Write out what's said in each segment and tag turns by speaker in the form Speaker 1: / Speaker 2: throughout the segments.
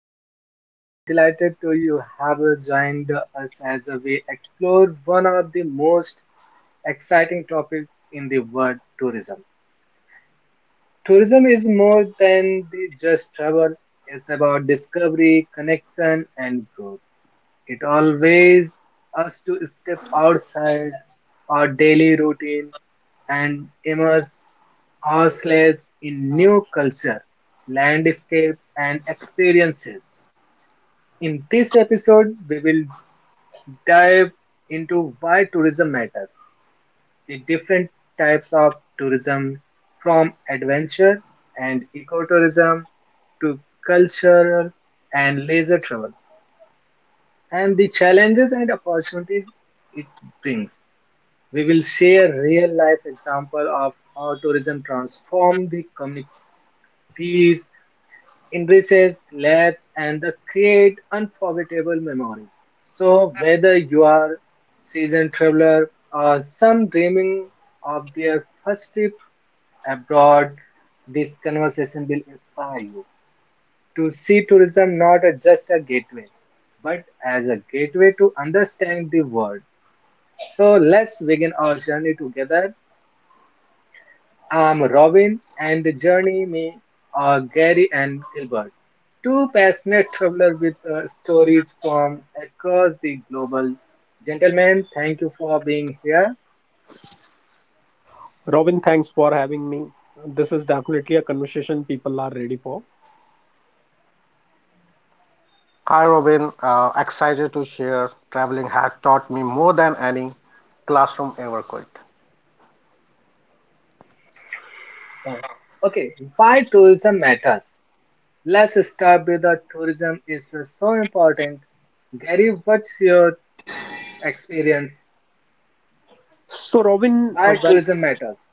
Speaker 1: episode. I'm delighted to you have joined us as we explore one of the most exciting topics in the world tourism. Tourism is more than the just travel. It's about discovery, connection and growth. It always us to step outside our daily routine and immerse ourselves in new culture, landscape, and experiences. In this episode, we will dive into why tourism matters, the different types of tourism from adventure and ecotourism to cultural and leisure travel. And the challenges and opportunities it brings. We will share real life example of how tourism transforms the communities, enriches lives, and the create unforgettable memories. So whether you are seasoned traveler or some dreaming of their first trip abroad, this conversation will inspire you to see tourism not as just a gateway, but as a gateway to understand the world. So let's begin our journey together. I'm Robin, and journey me are Gary and Gilbert, two passionate travelers with stories from across the global. Gentlemen, thank you for being here.
Speaker 2: Robin, thanks for having me. This is definitely a conversation people are ready for.
Speaker 3: Hi Robin, excited to share. Traveling has taught me more than any classroom ever could.
Speaker 1: So, okay, why tourism matters? Let's start with the tourism is so important. Gary, what's your experience?
Speaker 2: So, Robin,
Speaker 1: Why
Speaker 2: when
Speaker 1: tourism matters?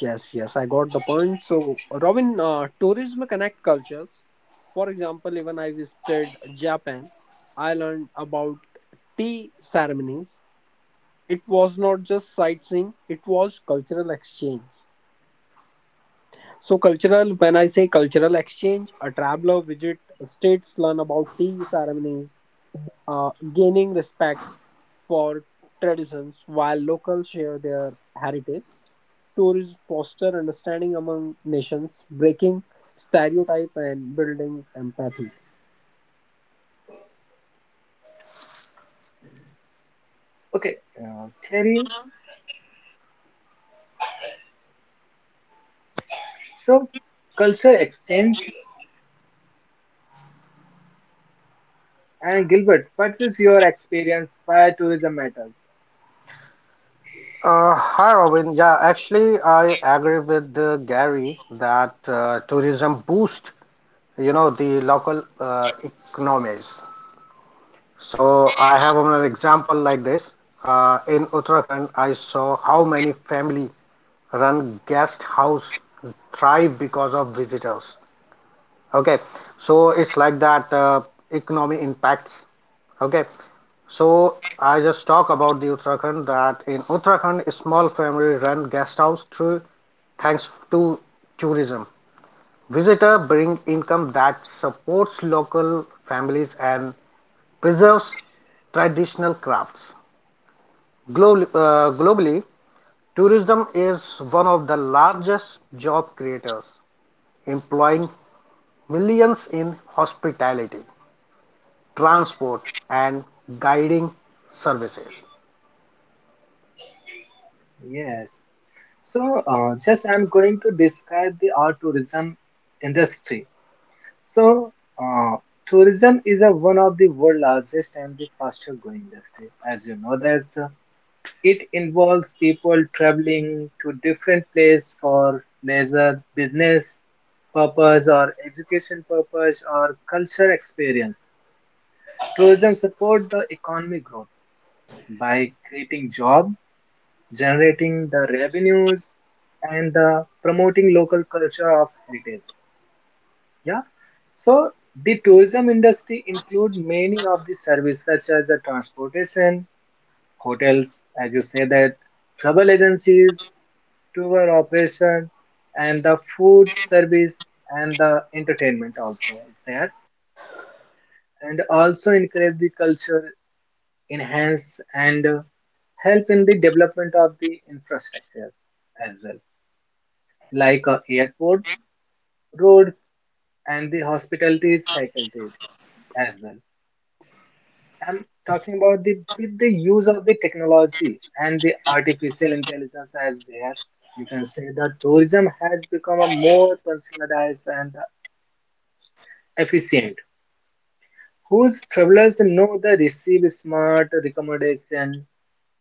Speaker 2: yes, yes, I got the point. So, Robin, tourism connect cultures. For example, even I visited Japan, I learned about tea ceremonies. It was not just sightseeing; it was cultural exchange. So, cultural. When I say cultural exchange, a traveler visit states learn about tea ceremonies, gaining respect for traditions while locals share their heritage. Tourists foster understanding among nations, breaking stereotype and building empathy.
Speaker 1: Okay, Gary, so culture exchange. And Gilbert, what is your experience why tourism matters?
Speaker 3: Hi Robin, yeah, actually I agree with Gary that tourism boost, you know, the local economies. So I have an example like this. In Uttarakhand, I saw how many family-run guest house thrive because of visitors. Okay, so it's like that economy impacts. Okay, so I just talk about the Uttarakhand that in Uttarakhand, small family run guest house through thanks to tourism. Visitor bring income that supports local families and preserves traditional crafts. Globally, tourism is one of the largest job creators, employing millions in hospitality, transport, and guiding services.
Speaker 1: Yes. So just I'm going to describe the our tourism industry. So uh, tourism is a, one of the world largest and the fastest growing industry. As you know, that's it involves people traveling to different place for leisure, business purpose, or education purpose, or cultural experience. Tourism support the economic growth by creating job generating the revenues and the promoting local culture of heritage, yeah. So the tourism industry include many of the services such as the transportation, hotels as you say that, travel agencies, tour operation, and the food service and the entertainment also is there, and also encourage the culture enhance and help in the development of the infrastructure as well, like airports, roads, and the hospitalities faculties as well. I'm talking about the with the use of the technology and the artificial intelligence as there. You can say that tourism has become a more personalized and efficient. Whose travelers know the receive smart recommendation,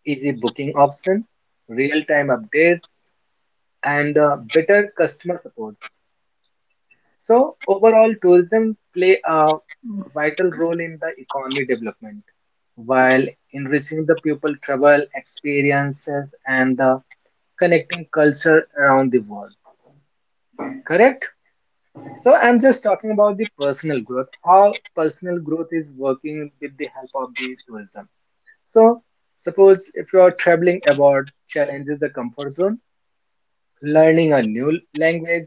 Speaker 1: easy booking option, real-time updates, and better customer support. So overall, tourism play a vital role in the economy development, while enriching the people travel experiences and the connecting culture around the world. Correct? So I'm just talking about the personal growth, how personal growth is working with the help of the tourism. So suppose if you are traveling abroad, challenges the comfort zone, learning a new language,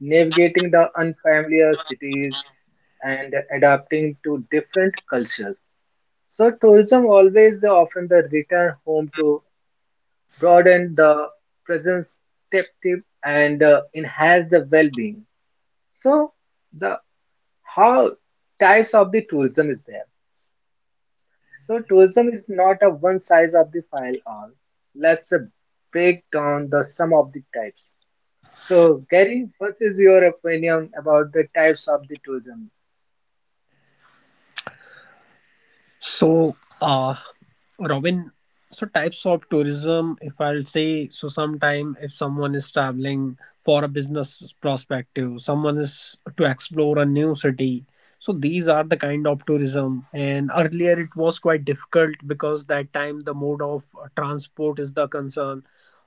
Speaker 1: navigating the unfamiliar cities and adapting to different cultures. So tourism always often the return home to broaden the presence perspective and enhance the well-being. So the how types of the tourism is there. So tourism is not a one size of the file all. Let's break down the sum of the types. So Gary, what is your opinion about the types of the tourism?
Speaker 2: So, Robin, so types of tourism, if I'll say, so sometime if someone is traveling for a business perspective, someone is to explore a new city. So these are the kind of tourism. And earlier it was quite difficult because that time the mode of transport is the concern,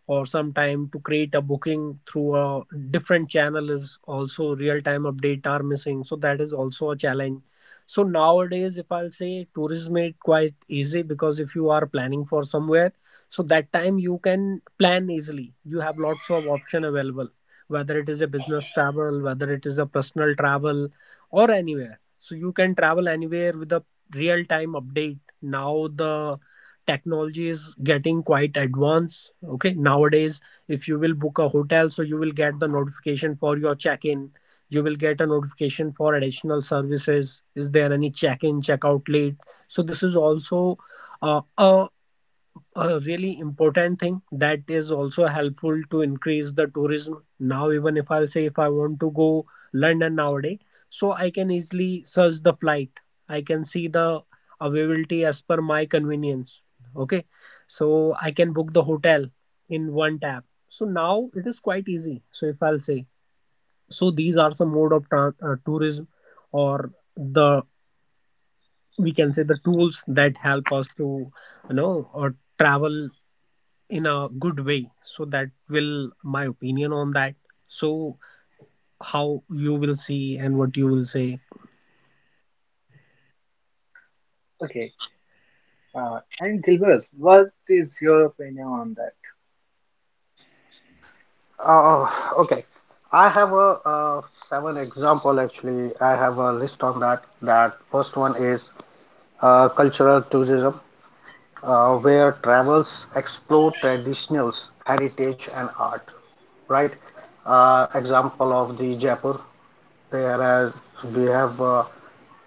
Speaker 2: or sometime to create a booking through a different channel is also real time update are missing, so that is also a challenge. So nowadays, if I'll say, tourism made quite easy, because if you are planning for somewhere, so that time you can plan easily. You have lots of option available, whether it is a business travel, whether it is a personal travel, or anywhere, so you can travel anywhere with a real time update. Now the technology is getting quite advanced. Okay, nowadays if you will book a hotel, so you will get the notification for your check in. You will get a notification for additional services, is there any check in check out late. So this is also uh, a a really important thing that is also helpful to increase the tourism. Now even if I'll say, if I want to go London nowadays, so I can easily search the flight, I can see the availability as per my convenience. Okay, so I can book the hotel in one tap. So now it is quite easy. So if I'll say, so these are some mode of tran tourism, or the, we can say, the tools that help us to, you know or travel in a good way. So that will my opinion on that. So how you will see and what you will say?
Speaker 1: Okay, and Gilbert, what is your opinion on that?
Speaker 3: Uh, okay. I have a seven example actually. I have a list on that. That first one is cultural tourism, where travels explore traditionals, heritage, and art. Right. Example of the Jaipur. There are we have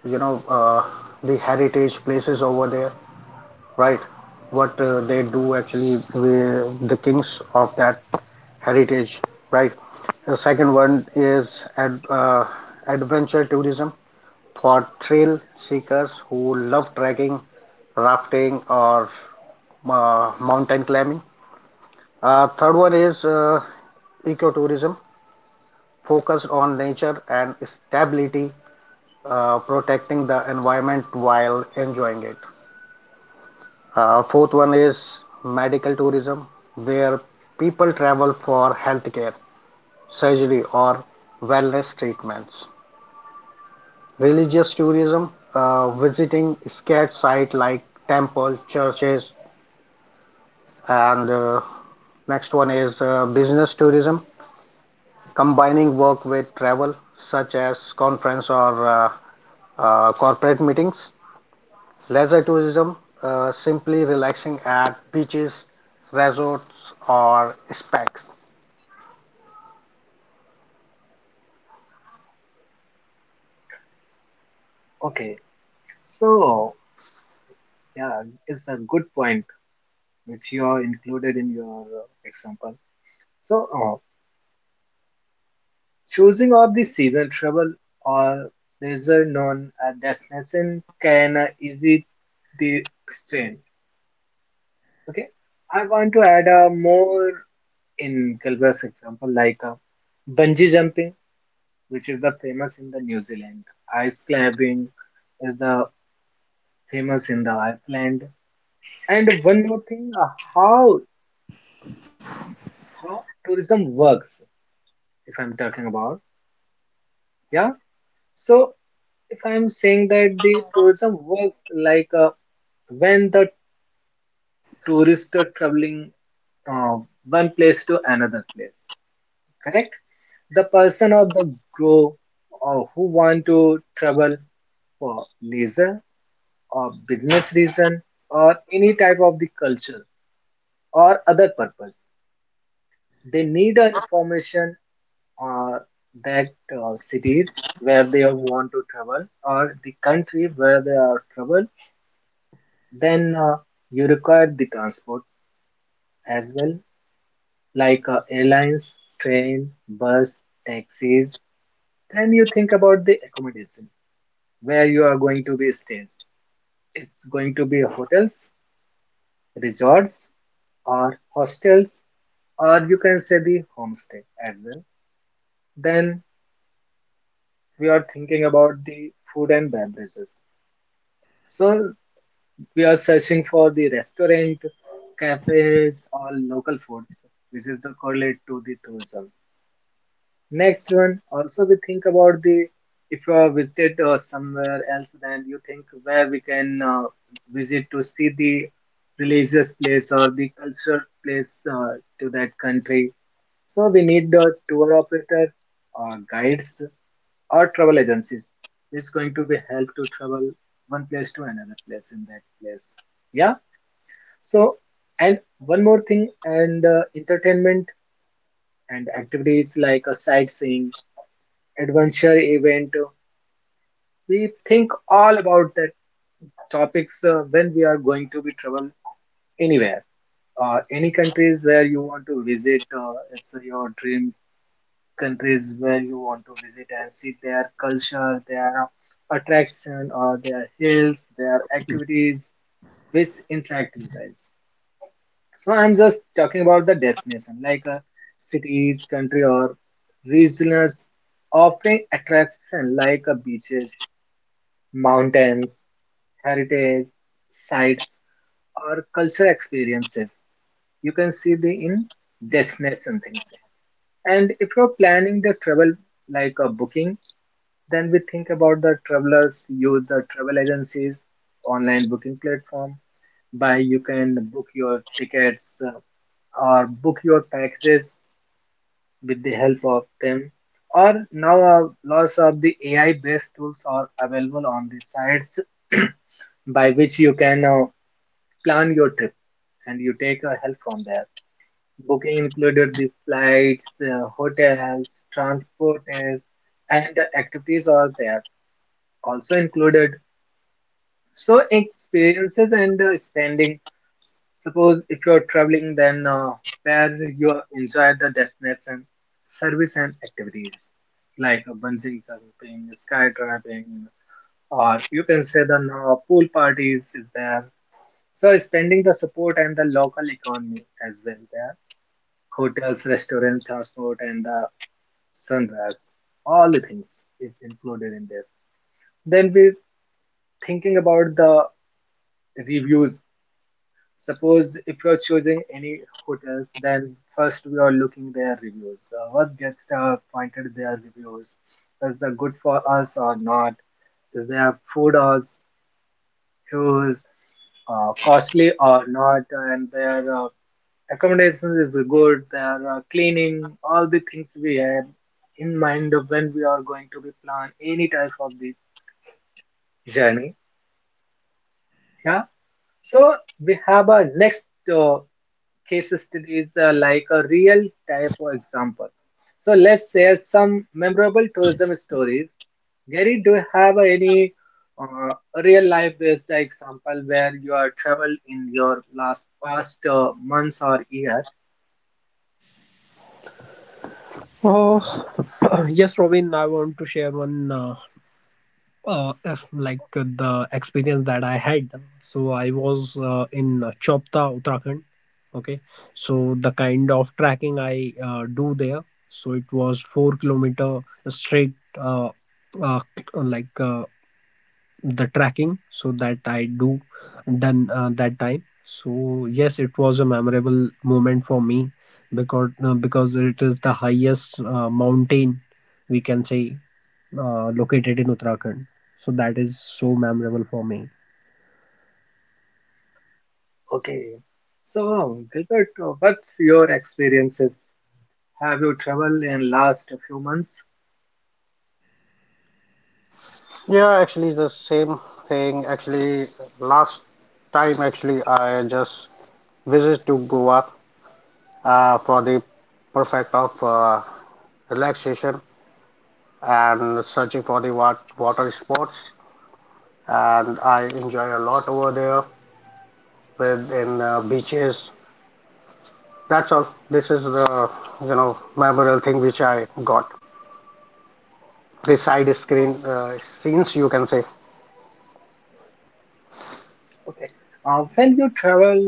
Speaker 3: you know uh, the heritage places over there. Right. What they do actually, we, the kings of that heritage, right? The second one is adventure tourism for thrill seekers who love trekking, rafting, or mountain climbing. Third one is ecotourism focused on nature and stability, protecting the environment while enjoying it. Fourth one is medical tourism, where people travel for healthcare, surgery, or wellness treatments. Religious tourism, visiting sacred sites like temples, churches, and next one is business tourism, combining work with travel, such as conference or corporate meetings. Leisure tourism, simply relaxing at beaches, resorts, or specs.
Speaker 1: Okay, so yeah, it's a good point which you are included in your example. So choosing of the season travel or lesser known destination can easy the strain. Okay, I want to add a more in Gilbert's example like bungee jumping, which is the famous in the New Zealand, ice climbing is the famous in the Iceland. And one more thing, how how tourism works, if I'm talking about, yeah. So if I'm saying that the tourism works like when the tourists are traveling uh, one place to another place, correct? The person or the group or who want to travel for leisure or business reason or any type of the culture or other purpose, they need a information uh, that cities where they want to travel or the country where they are travel, then you require the transport as well, like airlines, train, bus, taxis. Then you think about the accommodation where you are going to be stays. It's going to be hotels, resorts, or hostels, or you can say the homestay as well. Then we are thinking about the food and beverages. So we are searching for the restaurant, cafes, or local foods, which is the correlate to the tourism. Next one, also we think about the if you have visited somewhere else, then you think where we can visit to see the religious place or the cultural place to that country. So we need a tour operator or guides or travel agencies. This is going to be help to travel one place to another place in that place. Yeah. So, and one more thing, and entertainment and activities like a sightseeing, adventure event, we think all about that topics when we are going to be travel anywhere. Any countries where you want to visit is your dream countries where you want to visit and see their culture, their attraction, or their hills, their activities, which interact you guys. So I'm just talking about the destination, like cities, country, or regions offering attraction like beaches, mountains, heritage sites, or cultural experiences. You can see the in destination things. And if you're planning the travel like a booking, then we think about the travelers, use the travel agencies, online booking platform. By you can book your tickets or book your packages with the help of them or now lots of the ai based tools are available on the sites by which you can plan your trip and you take help from there, booking included the flights, hotels transport, and the activities are there also included. So experiences and spending. Suppose if you're traveling, then where you enjoy the destination, service and activities like bungee jumping, skydiving, or you can say the pool parties is there. So spending the support and the local economy as well there. Hotels, restaurants, transport, and the sunrise. All the things is included in there. Then we thinking about the reviews. Suppose if you're choosing any hotels, then first we are looking their reviews. What guest pointed their reviews? Is that good for us or not? Is their food or shoes costly or not? And their accommodation is good. Their cleaning, all the things we have in mind of when we are going to be plan any type of the journey. Yeah. So we have a next. Uh, Case studies like a real type of example. So let's share some memorable tourism stories. Gary, do you have any uh, real life based example where you are traveled in your last past months or year?
Speaker 2: Oh, yes, Robin, I want to share one, like the experience that I had. So I was in Chopta, Uttarakhand. Okay, so the kind of tracking I do there. So it was 4 km kilometer straight, uh, like the tracking. So that I do done that time. So yes, it was a memorable moment for me, because it is the highest mountain, we can say, located in Uttarakhand. So that is so memorable for me.
Speaker 1: Okay. So Gilbert, what's your experiences? Have you traveled in last few months?
Speaker 3: Yeah, actually the same thing. Actually, last time actually I just visit to Goa for the perfect of relaxation and searching for the water sports. And I enjoy a lot over there with in beaches. That's all. This is the you know memorable thing which I got. The side screen scenes you can say.
Speaker 1: Okay. When you travel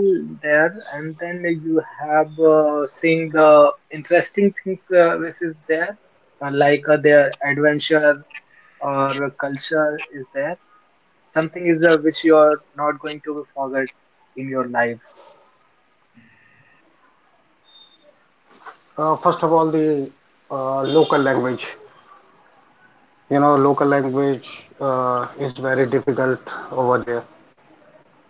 Speaker 1: there and then you have seen the interesting things which is there, like their adventure or culture is there. Something is which you are not going to forget in your life.
Speaker 3: First of all, the local language. You know, local language is very difficult over there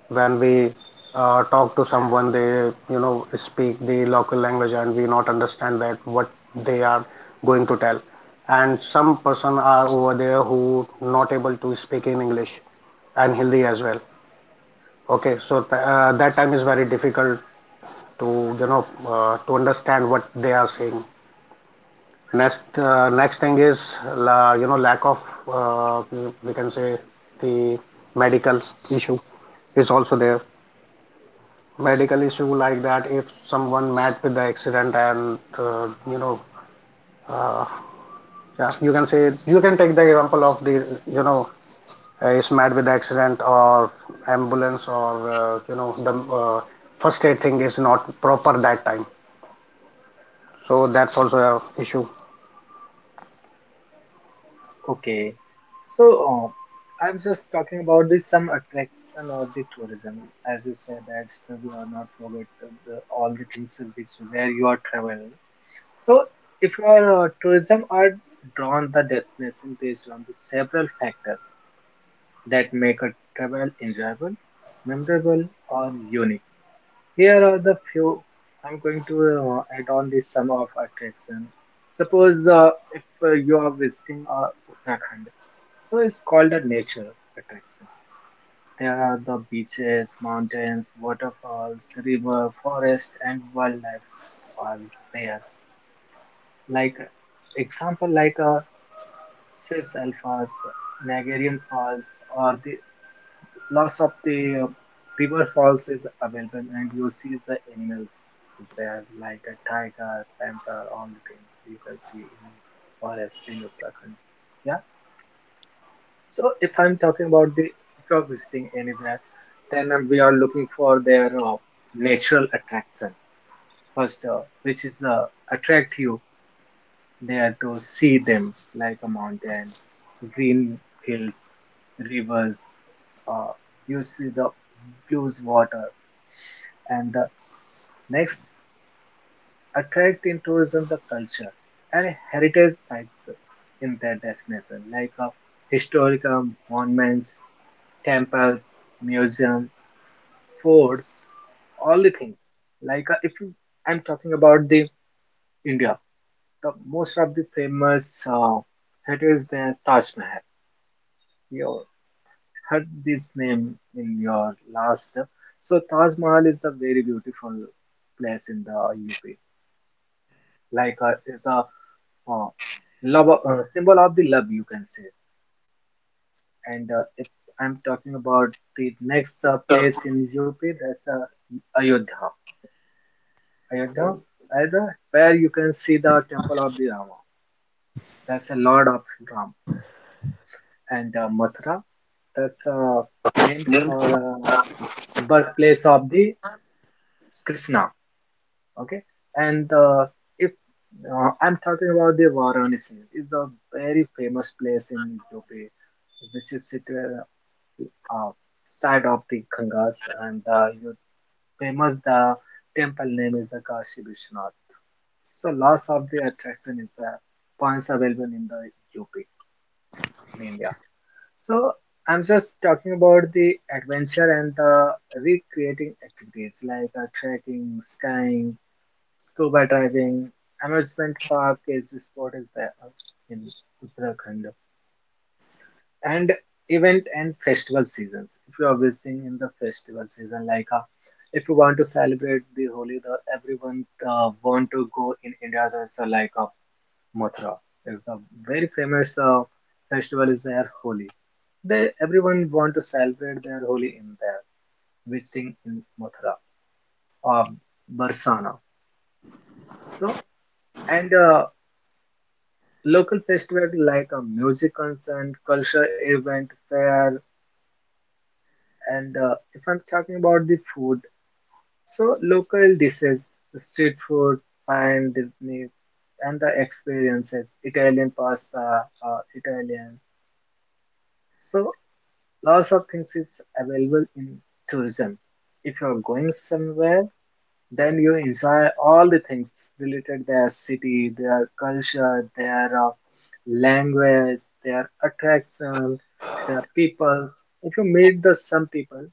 Speaker 3: when we talk to someone, they you know speak the local language and we not understand that what they are going to tell, and some person are over there who not able to speak in english and hindi as well. Okay, so that time is very difficult to you know to understand what they are saying. Next next thing is you know lack of uh, we can say the medical issue is also there. Medical issue like that if someone met with the accident and you know, uh, yeah, you can say you can take the example of the you know is met with the accident or ambulance or you know the first aid thing is not proper that time, so that's also a issue.
Speaker 1: Okay. So I'm just talking about this some attraction of the tourism, as you said that so we are not forget all the things which where you are traveling. So, if your tourism are drawn the destination based on the several factors that make a travel enjoyable, memorable, or unique. Here are the few I'm going to add on the sum of attraction. Suppose if you are visiting Uttarakhand, so it's called a nature attraction. There are the beaches, mountains, waterfalls, river, forest, and wildlife are there. Like example, like a cis Falls, Niagara Falls, or the loss of the river falls is available, and you see the animals is there like a tiger, panther, all the things you can see in forest in Uttarakhand. Yeah. So if I'm talking about the if you're visiting anywhere, then we are looking for their natural attraction first, which is attract you there to see them like a mountain, green hills, rivers. Uh, you see the blue water, and the next attract in tourism the culture and heritage sites in their destination, like historical monuments, temples, museum, forts, all the things. Like if you, I'm talking about the India, the most of the famous it is the Taj Mahal. You. Heard this name in your last. So Taj Mahal is a very beautiful place in the UP. Like it's a uh, love symbol of the love, you can say. And if I'm talking about the next place in UP, that's Ayodhya. Ayodhya, either where you can see the temple of the Rama. That's the Lord of Ram. And Mathura, that's named for birthplace of the Krishna. Okay. and if I'm talking about the Varanasi is the very famous place in UP, which is situated uh, side of the Gangas. And You famous the temple name is the Kashi Vishwanath. So lots of the attraction is the points available in the UP in India. So I'm just talking about the adventure and the recreating activities like trekking, skiing, scuba diving, amusement park is a sport is there in Uttarakhand, and event and festival seasons. If you are visiting in the festival season, like, if you want to celebrate the Holi, the everyone want to go in India. There's like, Mathura is the very famous festival is their Holi. They everyone want to celebrate their Holi in there, visiting in Mathura or Barsana. So and local festivals like a music concert, cultural event, fair, and if I'm talking about the food, so local dishes, street food, fine Disney, and the experiences, Italian pasta, Italian. So lots of things is available in tourism. If you're going somewhere, then you enjoy all the things related their city, their culture, their language, their attraction, their peoples. If you meet the some people,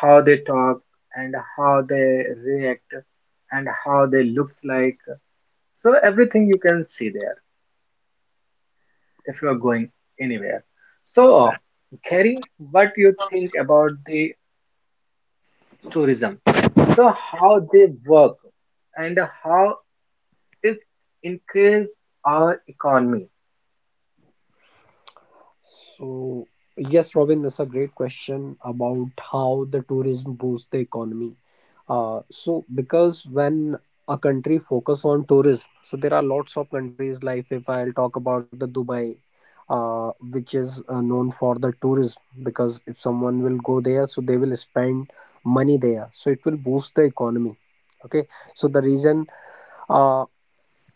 Speaker 1: how they talk and how they react and how they looks like, so everything you can see there if you are going anywhere. So, Gary, what you think about the tourism? So how they work and how it increased our economy?
Speaker 2: So, yes, Robin, that's a great question about how the tourism boosts the economy. So, because when a country focus on tourism, so there are lots of countries, like if I'll talk about the Dubai, which is known for the tourism, because if someone will go there, so they will spend money there. So it will boost the economy. Okay, so the reason, uh,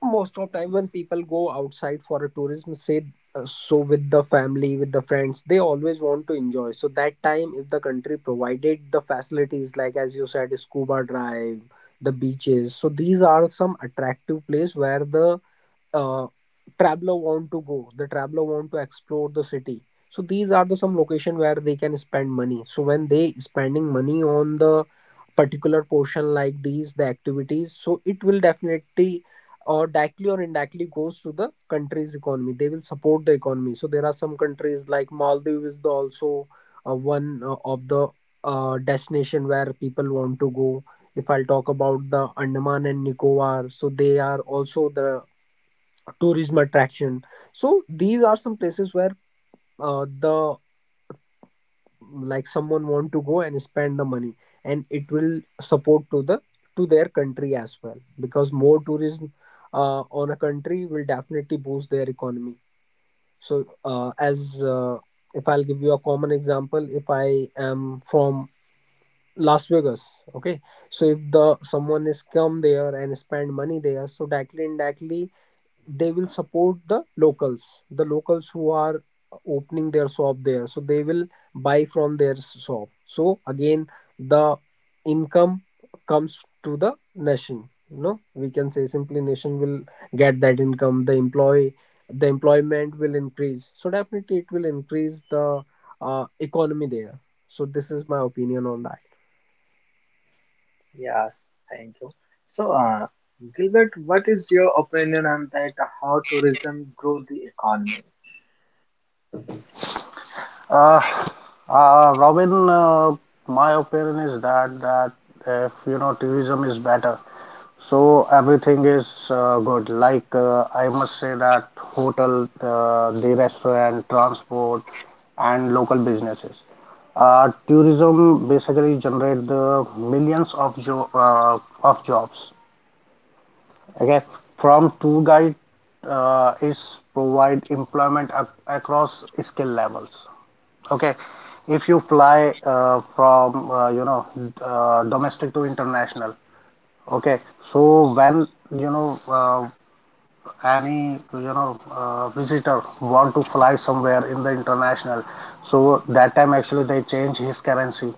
Speaker 2: most of time when people go outside for a tourism, say, so with the family, with the friends, they always want to enjoy. So that time if the country provided the facilities, like as you said, scuba drive, the beaches. So these are some attractive place where the uh, traveler want to go, the traveler want to explore the city. So these are the some location where they can spend money. So when they spending money on the particular portion, like these the activities, so it will definitely, or directly or indirectly, goes to the country's economy. They will support the economy. So there are some countries like Maldives is the also one of the destination where people want to go. If I'll talk about the Andaman and Nicobar, so they are also the tourism attraction. So these are some places where the, like someone want to go and spend the money, and it will support to the, to their country as well, because more tourism on a country will definitely boost their economy. So as, if I'll give you a common example, if I am from Las Vegas. Okay, so if the, someone is come there and spend money there, so directly indirectly they will support the locals, the locals who are opening their shop there. So they will buy from their shop. So again the income comes to the nation, we can say simply nation will get that income. The employee the employment will increase. So definitely it will increase the economy there. So this is my opinion on that.
Speaker 1: Yes, thank you. So, Gilbert, what is your opinion on that? How tourism grow the economy?
Speaker 3: Uh, Robin, my opinion is that if you know tourism is better, so everything is good. Like I must say that hotel, the restaurant, transport, and local businesses. Tourism basically generate the millions of jobs. Okay, from tour guide is provide employment across skill levels. Okay, if you fly from domestic to international. Okay, so when you know visitor want to fly somewhere in the international, so that time actually they change his currency,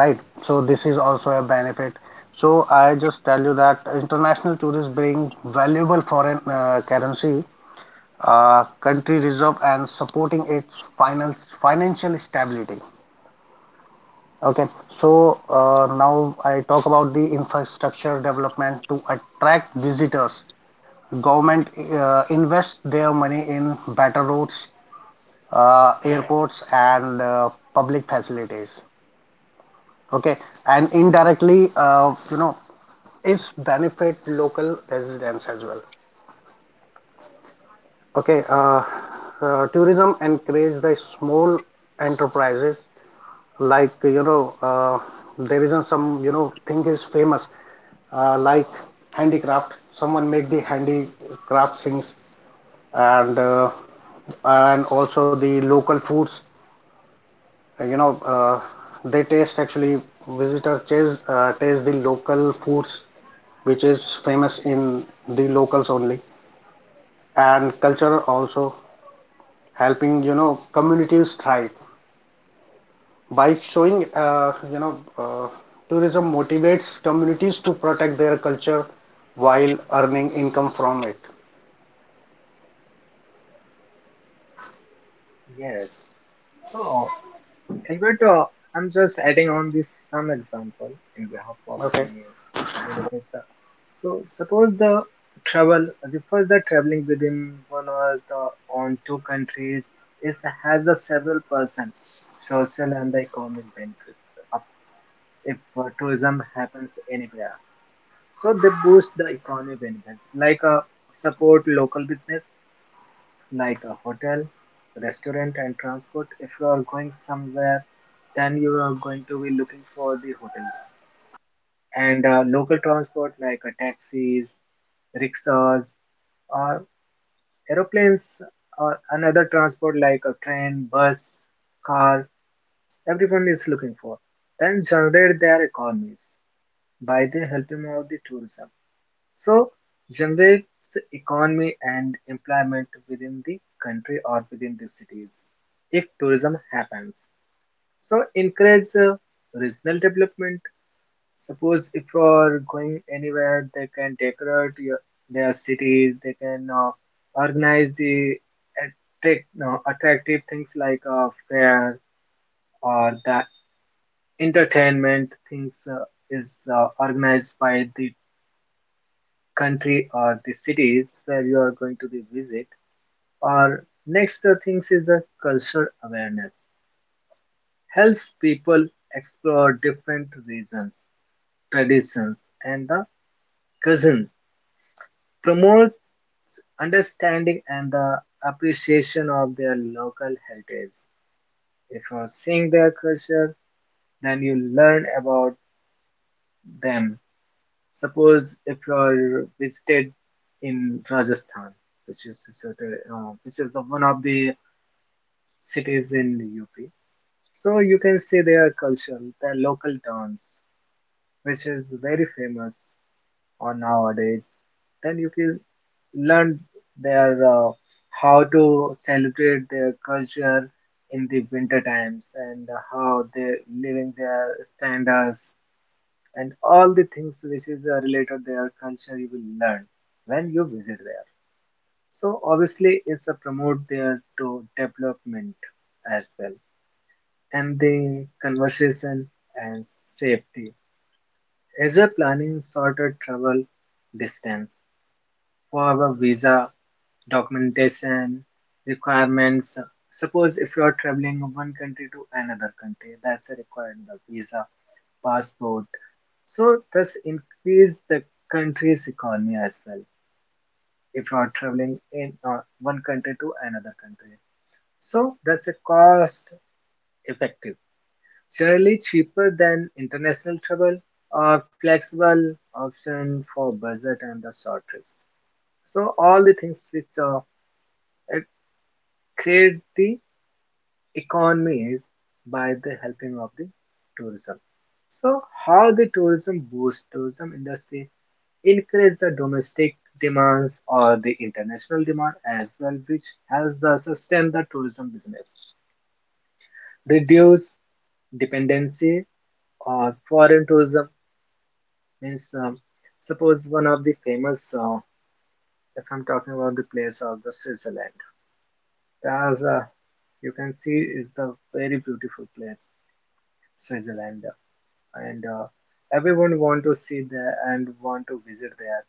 Speaker 3: right? So this is also a benefit. So I just tell you that international tourists bring valuable foreign currency, uh, country reserve and supporting its finance financial stability. Okay, so now I talk about the infrastructure development to attract visitors. Government invest their money in better roads, airports, and public facilities. Okay, and indirectly, you know, it's benefit local residents as well. Okay, tourism encourage the small enterprises like you know there isn't some you know thing is famous like handicraft. Someone make the handicraft things, and uh, and also the local foods, you know they taste actually. Visitors taste, taste the local foods which is famous in the locals only, and culture also helping you know communities thrive by showing tourism motivates communities to protect their culture while earning income from it.
Speaker 1: Yes. So, Gilbert, I'm just adding on this some example in behalf of
Speaker 3: Okay.
Speaker 1: the beneficiary. So, suppose the travel refers the traveling within one or the on two countries is has the several percent social and the economic benefits if tourism happens anywhere. So they boost the economy benefits like, support local business like a hotel, restaurant, and transport. If you are going somewhere, then you are going to be looking for the hotels and local transport like taxis, rickshaws, or aeroplanes, or another transport like a train, bus, car. Everyone is looking for. Then generate their economies by the helping of the tourism. So generates economy and employment within the country or within the cities if tourism happens. So encourage regional development. Suppose if you are going anywhere, they can decorate your, their cities. They can organize the attract, no, attractive things like a fair or the entertainment things is organized by the country or the cities where you are going to be visit. Or next things is the cultural awareness, helps people explore different regions, traditions, and the cousin, promotes understanding and the appreciation of their local heritage. If you are seeing their culture, then you learn about them. Suppose if you are visited in Rajasthan, which is situated, this is the one of the cities in UP. So you can see their culture, their local dance, which is very famous on nowadays. Then you can learn their how to celebrate their culture in the winter times and how they're living their standards and all the things which is related their culture you will learn when you visit there. So obviously it's a promote there to development as well. Emptying, conversation, and safety. As a planning shorter travel distance for our visa documentation requirements. Suppose if you are traveling one country to another country, that's required the visa, passport. So thus increase the country's economy as well. If you are traveling in one country to another country, so that's a cost effective. Generally cheaper than international travel or flexible option for budget and the short trips. So all the things which uh, create the economy is by the helping of the tourism. So how the tourism boost tourism industry, increase the domestic demands or the international demand as well, which helps the sustain the tourism business, reduce dependency or foreign tourism. Means, suppose one of the famous, if I'm talking about the place of the Switzerland, as you can see, is the very beautiful place, Switzerland, and everyone want to see there and want to visit there.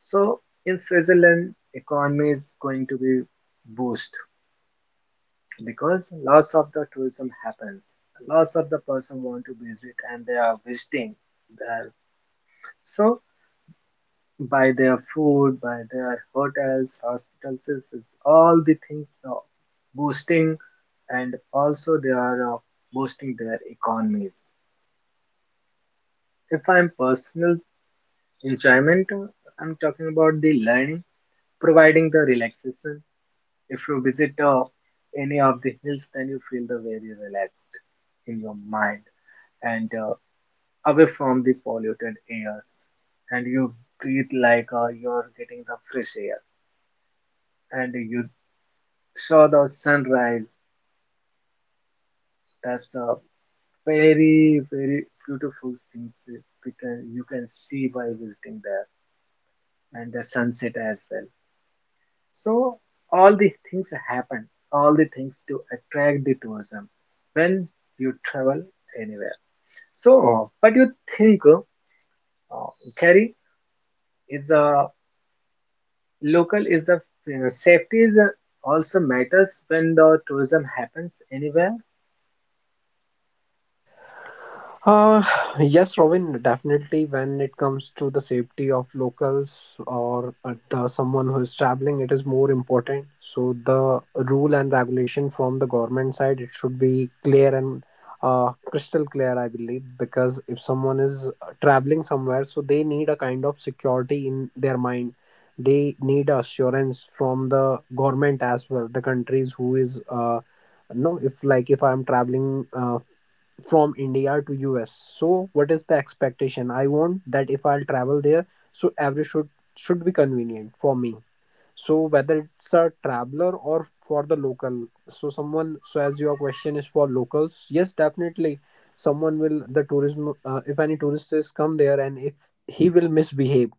Speaker 1: So in Switzerland, economy is going to be boost because lots of the tourism happens. Lots of the person want to visit and they are visiting there. So by their food, by their hotels, hospitals, is all the things boosting, and also they are boosting their economies. If I'm personal enjoyment, I'm talking about the learning, providing the relaxation. If you visit any of the hills, then you feel the very relaxed in your mind and away from the polluted airs, and you breathe like you're getting the fresh air and you saw the sunrise. That's a very, very beautiful thing we can, you can see by visiting there and the sunset as well. So all the things happen, all the things to attract the tourism when you travel anywhere. So what do you think, uh, Kerry, is a local is the safety is also matters when the tourism happens anywhere?
Speaker 2: Uh, yes, Robin, definitely when it comes to the safety of locals, or the someone who is traveling, it is more important. So the rule and regulation from the government side, it should be clear and crystal clear, I believe, because if someone is traveling somewhere, so they need a kind of security in their mind. They need assurance from the government as well, the countries who is no, if like if I'm traveling from India to US. So what is the expectation? I want that if I'll travel there, so every should be convenient for me. So whether it's a traveler or for the local, so someone, so as your question is for locals, yes, definitely, someone will the tourism. If any tourist is come there, and if he will misbehave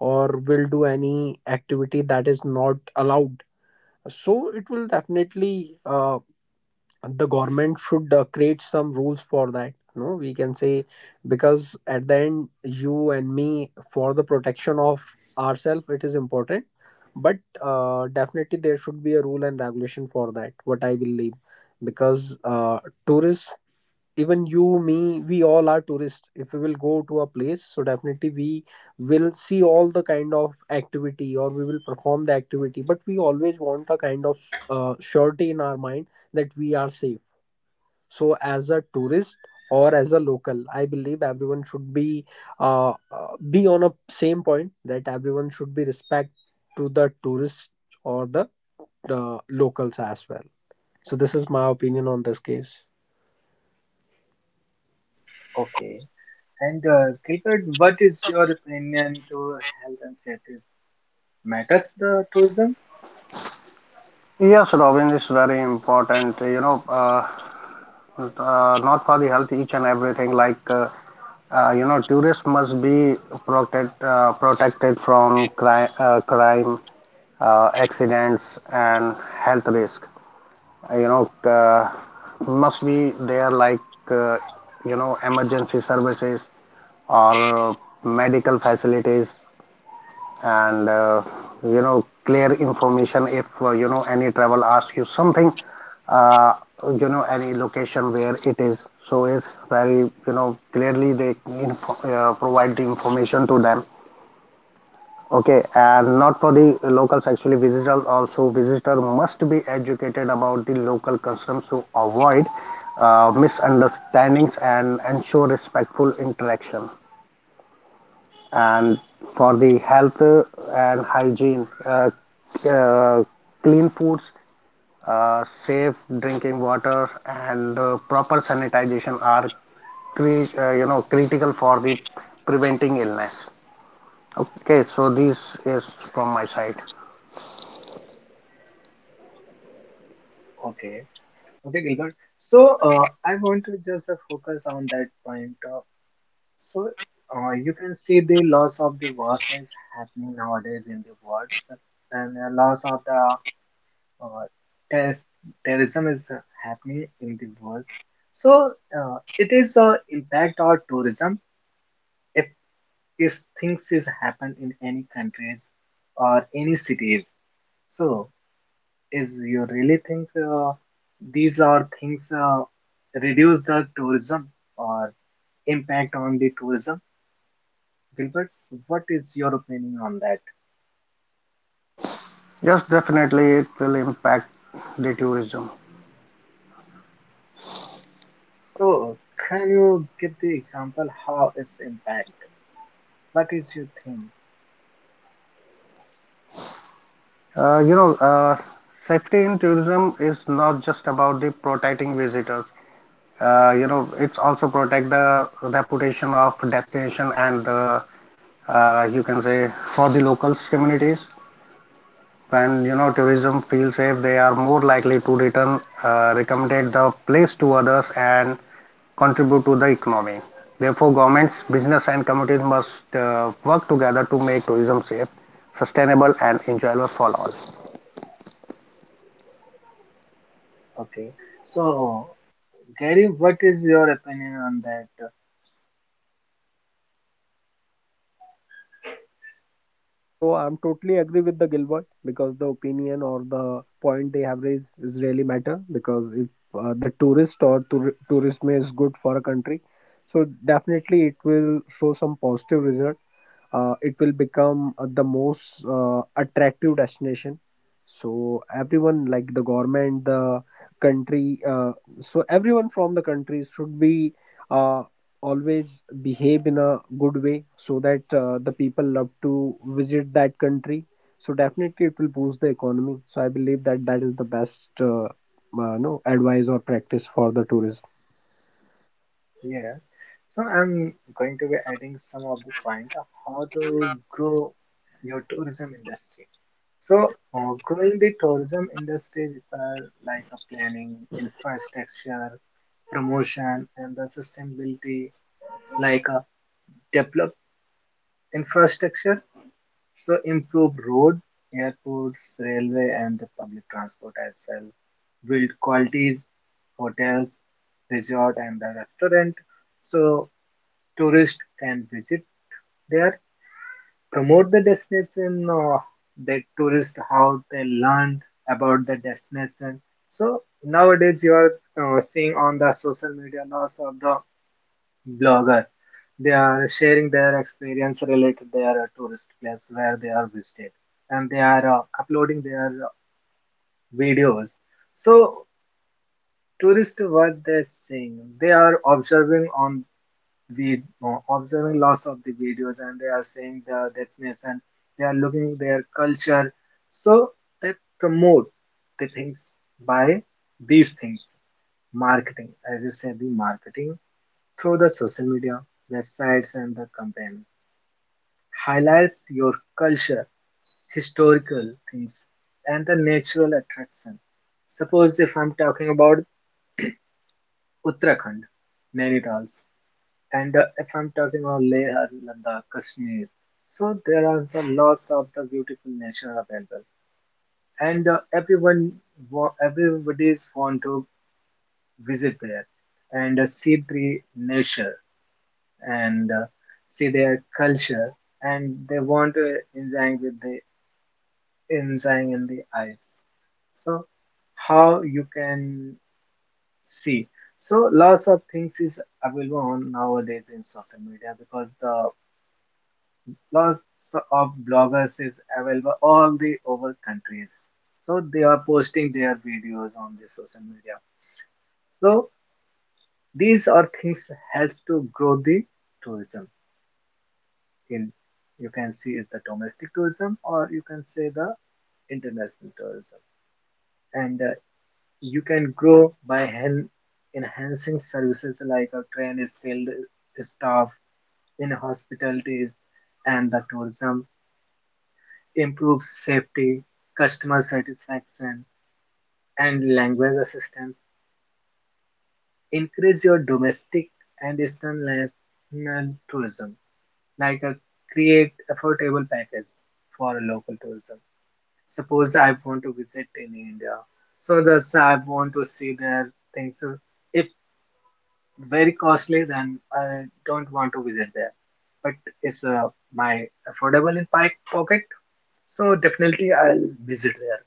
Speaker 2: or will do any activity that is not allowed, so it will definitely, the government should create some rules for that, no, we can say, because at the end, you and me, for the protection of ourselves, it is important. But definitely there should be a rule and regulation for that, what I believe, because tourists, even you me, we all are tourists. If we will go to a place, so definitely we will see all the kind of activity or we will perform the activity. But we always want a kind of surety in our mind that we are safe. So as a tourist or as a local, I believe everyone should be on a same point that everyone should be respect to the tourists, or the locals as well. So this is my opinion on this case.
Speaker 1: Okay. And Gilbert, what is your opinion to health and safety matters the tourism?
Speaker 3: Yes Robin, is very important, you know, not for the health, each and everything, like you know tourists must be protected, protected from crime, accidents and health risk. You know, uh, must be there, like you know emergency services or medical facilities and you know clear information if you know any travel asks you something, uh, you know any location where it is, so it's very you know clearly they provide the information to them. Okay, and not for the locals, actually visitor also, visitor must be educated about the local customs to avoid misunderstandings and ensure respectful interaction. And for the health and hygiene, uh, clean foods, safe drinking water, and proper sanitization are you know critical for the preventing illness. Okay, so this is from my side.
Speaker 1: Okay, okay, Gilbert. So I want to just focus on that point. So you can see the loss of the water is happening nowadays in the world, and the loss of the uh, terrorist- terrorism is happening in the world. So it is impact on tourism is things is happen in any countries or any cities. So is you really think these are things reduce the tourism or impact on the tourism, Gilbert? What is your opinion on that?
Speaker 3: Yes, definitely it will impact the tourism.
Speaker 1: So can you give the example how it's impact? What is your thing?
Speaker 3: You know, safety in tourism is not just about the protecting visitors, you know it's also protect the reputation of destination and you can say for the locals communities. When you know tourism feels safe, they are more likely to return, recommended the place to others and contribute to the economy. Therefore governments, business, and communities must work together to make tourism safe, sustainable, and enjoyable for all.
Speaker 1: Okay. So Gary, what is your opinion on that?
Speaker 2: So I'm totally agree with the Gilbert, because the opinion or the point they have raised is really matter, because if the tourist or tourism is good for a country, so definitely it will show some positive result. It will become the most attractive destination. So everyone, like the government, the country, so everyone from the country should be, uh, always behave in a good way, so that the people love to visit that country. So definitely it will boost the economy. So I believe that is the best, no, advice or practice for the tourism.
Speaker 1: Yes. So I'm going to be adding some of the point of how to grow your tourism industry. So growing the tourism industry require like a planning, infrastructure, promotion, and the sustainability, like a develop infrastructure. So improve road, airports, railway, and the public transport as well. Build qualities, hotels, resort, and the restaurant. So tourists can visit there, promote the destination of the tourist how they learn about the destination. So nowadays you are seeing on the social media lots of the blogger. They are sharing their experience related their tourist place where they are visited, and they are uploading their videos. So tourists what they're seeing, they are observing on observing lots of the videos and they are seeing the destination, they are looking their culture. So they promote the things by these things, marketing as you said, the marketing through the social media, websites, and the campaign, highlights your culture, historical things, and the natural attraction. Suppose if I'm talking about Uttarakhand, Nainital, and if I'm talking about Leh and Ladakh, Kashmir, so there are the lots of the beautiful nature available, and everyone, everybody is want to visit there and see the nature and see their culture, and they want to enjoy with the enjoying in the eyes. So how you can see. So lots of things is available on nowadays in social media because the lots of bloggers is available all the over countries, so they are posting their videos on the social media. So these are things helps to grow the tourism in, you can see is the domestic tourism or you can say the international tourism. And you can grow by enhancing services like a trained skilled staff in hospitalities and the tourism, improves safety, customer satisfaction, and language assistance, increase your domestic and international tourism, like a create affordable package for local tourism. Suppose I want to visit in India, so thus I want to see their things. So if very costly, then I don't want to visit there, but it's my affordable in my pocket, so definitely I'll visit there.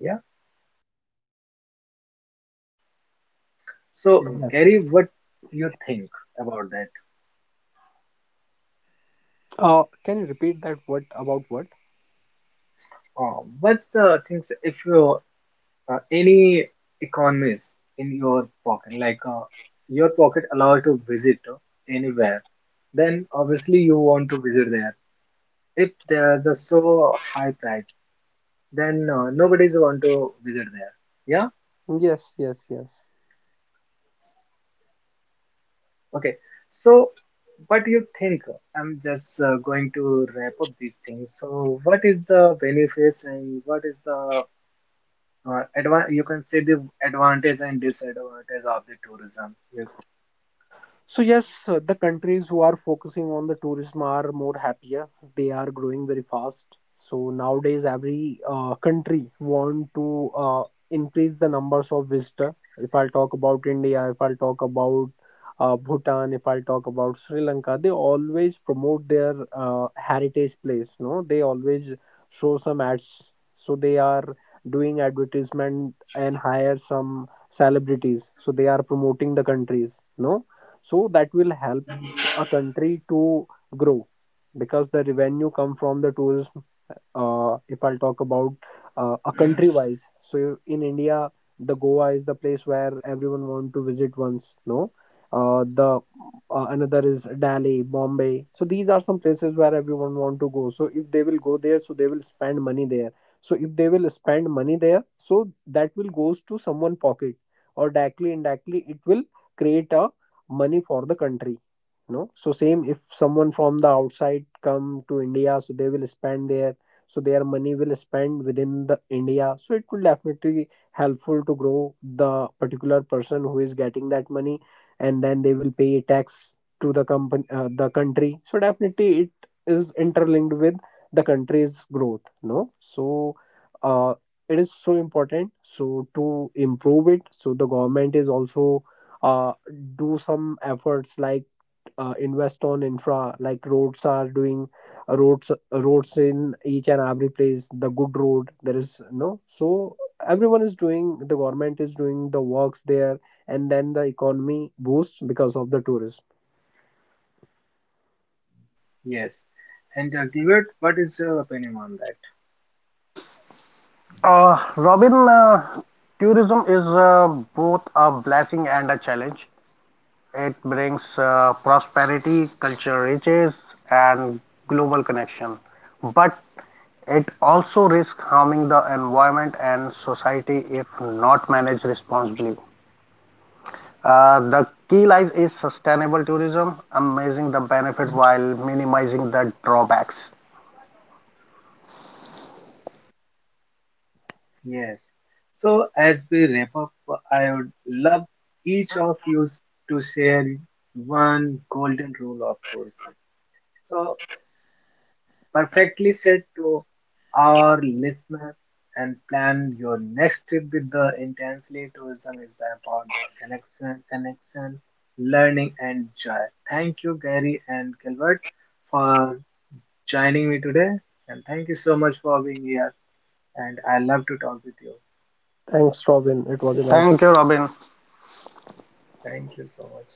Speaker 1: Yeah.
Speaker 2: uh,
Speaker 1: So
Speaker 2: yes
Speaker 1: Gary, what you think about that?
Speaker 2: can you repeat that, what about what?
Speaker 1: What's the things if you any economies in your pocket, like your pocket allows to visit to anywhere, then obviously you want to visit there. If there's a so high price, then nobody's want to visit there. Yeah.
Speaker 2: Yes, yes, yes.
Speaker 1: Okay. So, what do you think? I'm just going to wrap up these things. So, what is the benefits and what is the or you can say the advantage and disadvantage of the tourism? Yep.
Speaker 2: So yes, the countries who are focusing on the tourism are more happier. They are growing very fast. So nowadays, every country want to increase the numbers of visitor. If I'll talk about India, if I'll talk about Bhutan, if I'll talk about Sri Lanka, they always promote their heritage place. No, they always show some ads. So they are doing advertisement and hire some celebrities. So they are promoting the countries. No, so that will help a country to grow, because the revenue come from the tourism. If I'll talk about a country wise, so in India, the Goa is the place where everyone want to visit once. No, the, another is Delhi, Bombay. So these are some places where everyone want to go. So if they will go there, so they will spend money there. So if they will spend money there, so that will goes to someone pocket, or directly indirectly it will create a money for the country. No, so same if someone from the outside come to India, so they will spend there, so their money will spend within the India. So it will definitely helpful to grow the particular person who is getting that money, and then they will pay tax to the company the country. So definitely it is interlinked with the country's growth, no. So uh, it is so important, so to improve it. So the government is also uh, do some efforts, like invest on infra, like roads are doing, roads, roads in each and every place, the good road there is, no. So everyone is doing, the government is doing the works there, and then the economy boosts because of the tourism.
Speaker 1: Yes. And what is your opinion on that?
Speaker 3: Robin, tourism is both a blessing and a challenge. It brings prosperity, cultural riches, and global connection. But it also risks harming the environment and society if not managed responsibly. The key lies is sustainable tourism, amazing the benefit while minimizing the drawbacks.
Speaker 1: Yes. So as we wrap up, I would love each of you to share one golden rule of tourism. So perfectly said to our listener and plan your next trip with the intensely tourism is about the connection, connection, learning, and joy. Thank you, Gary and Gilbert, for joining me today, and thank you so much for being here, and I love to talk with you.
Speaker 2: Thanks, Robin, it was a
Speaker 3: Thank
Speaker 2: nice
Speaker 3: you, Robin.
Speaker 1: Thank you so much.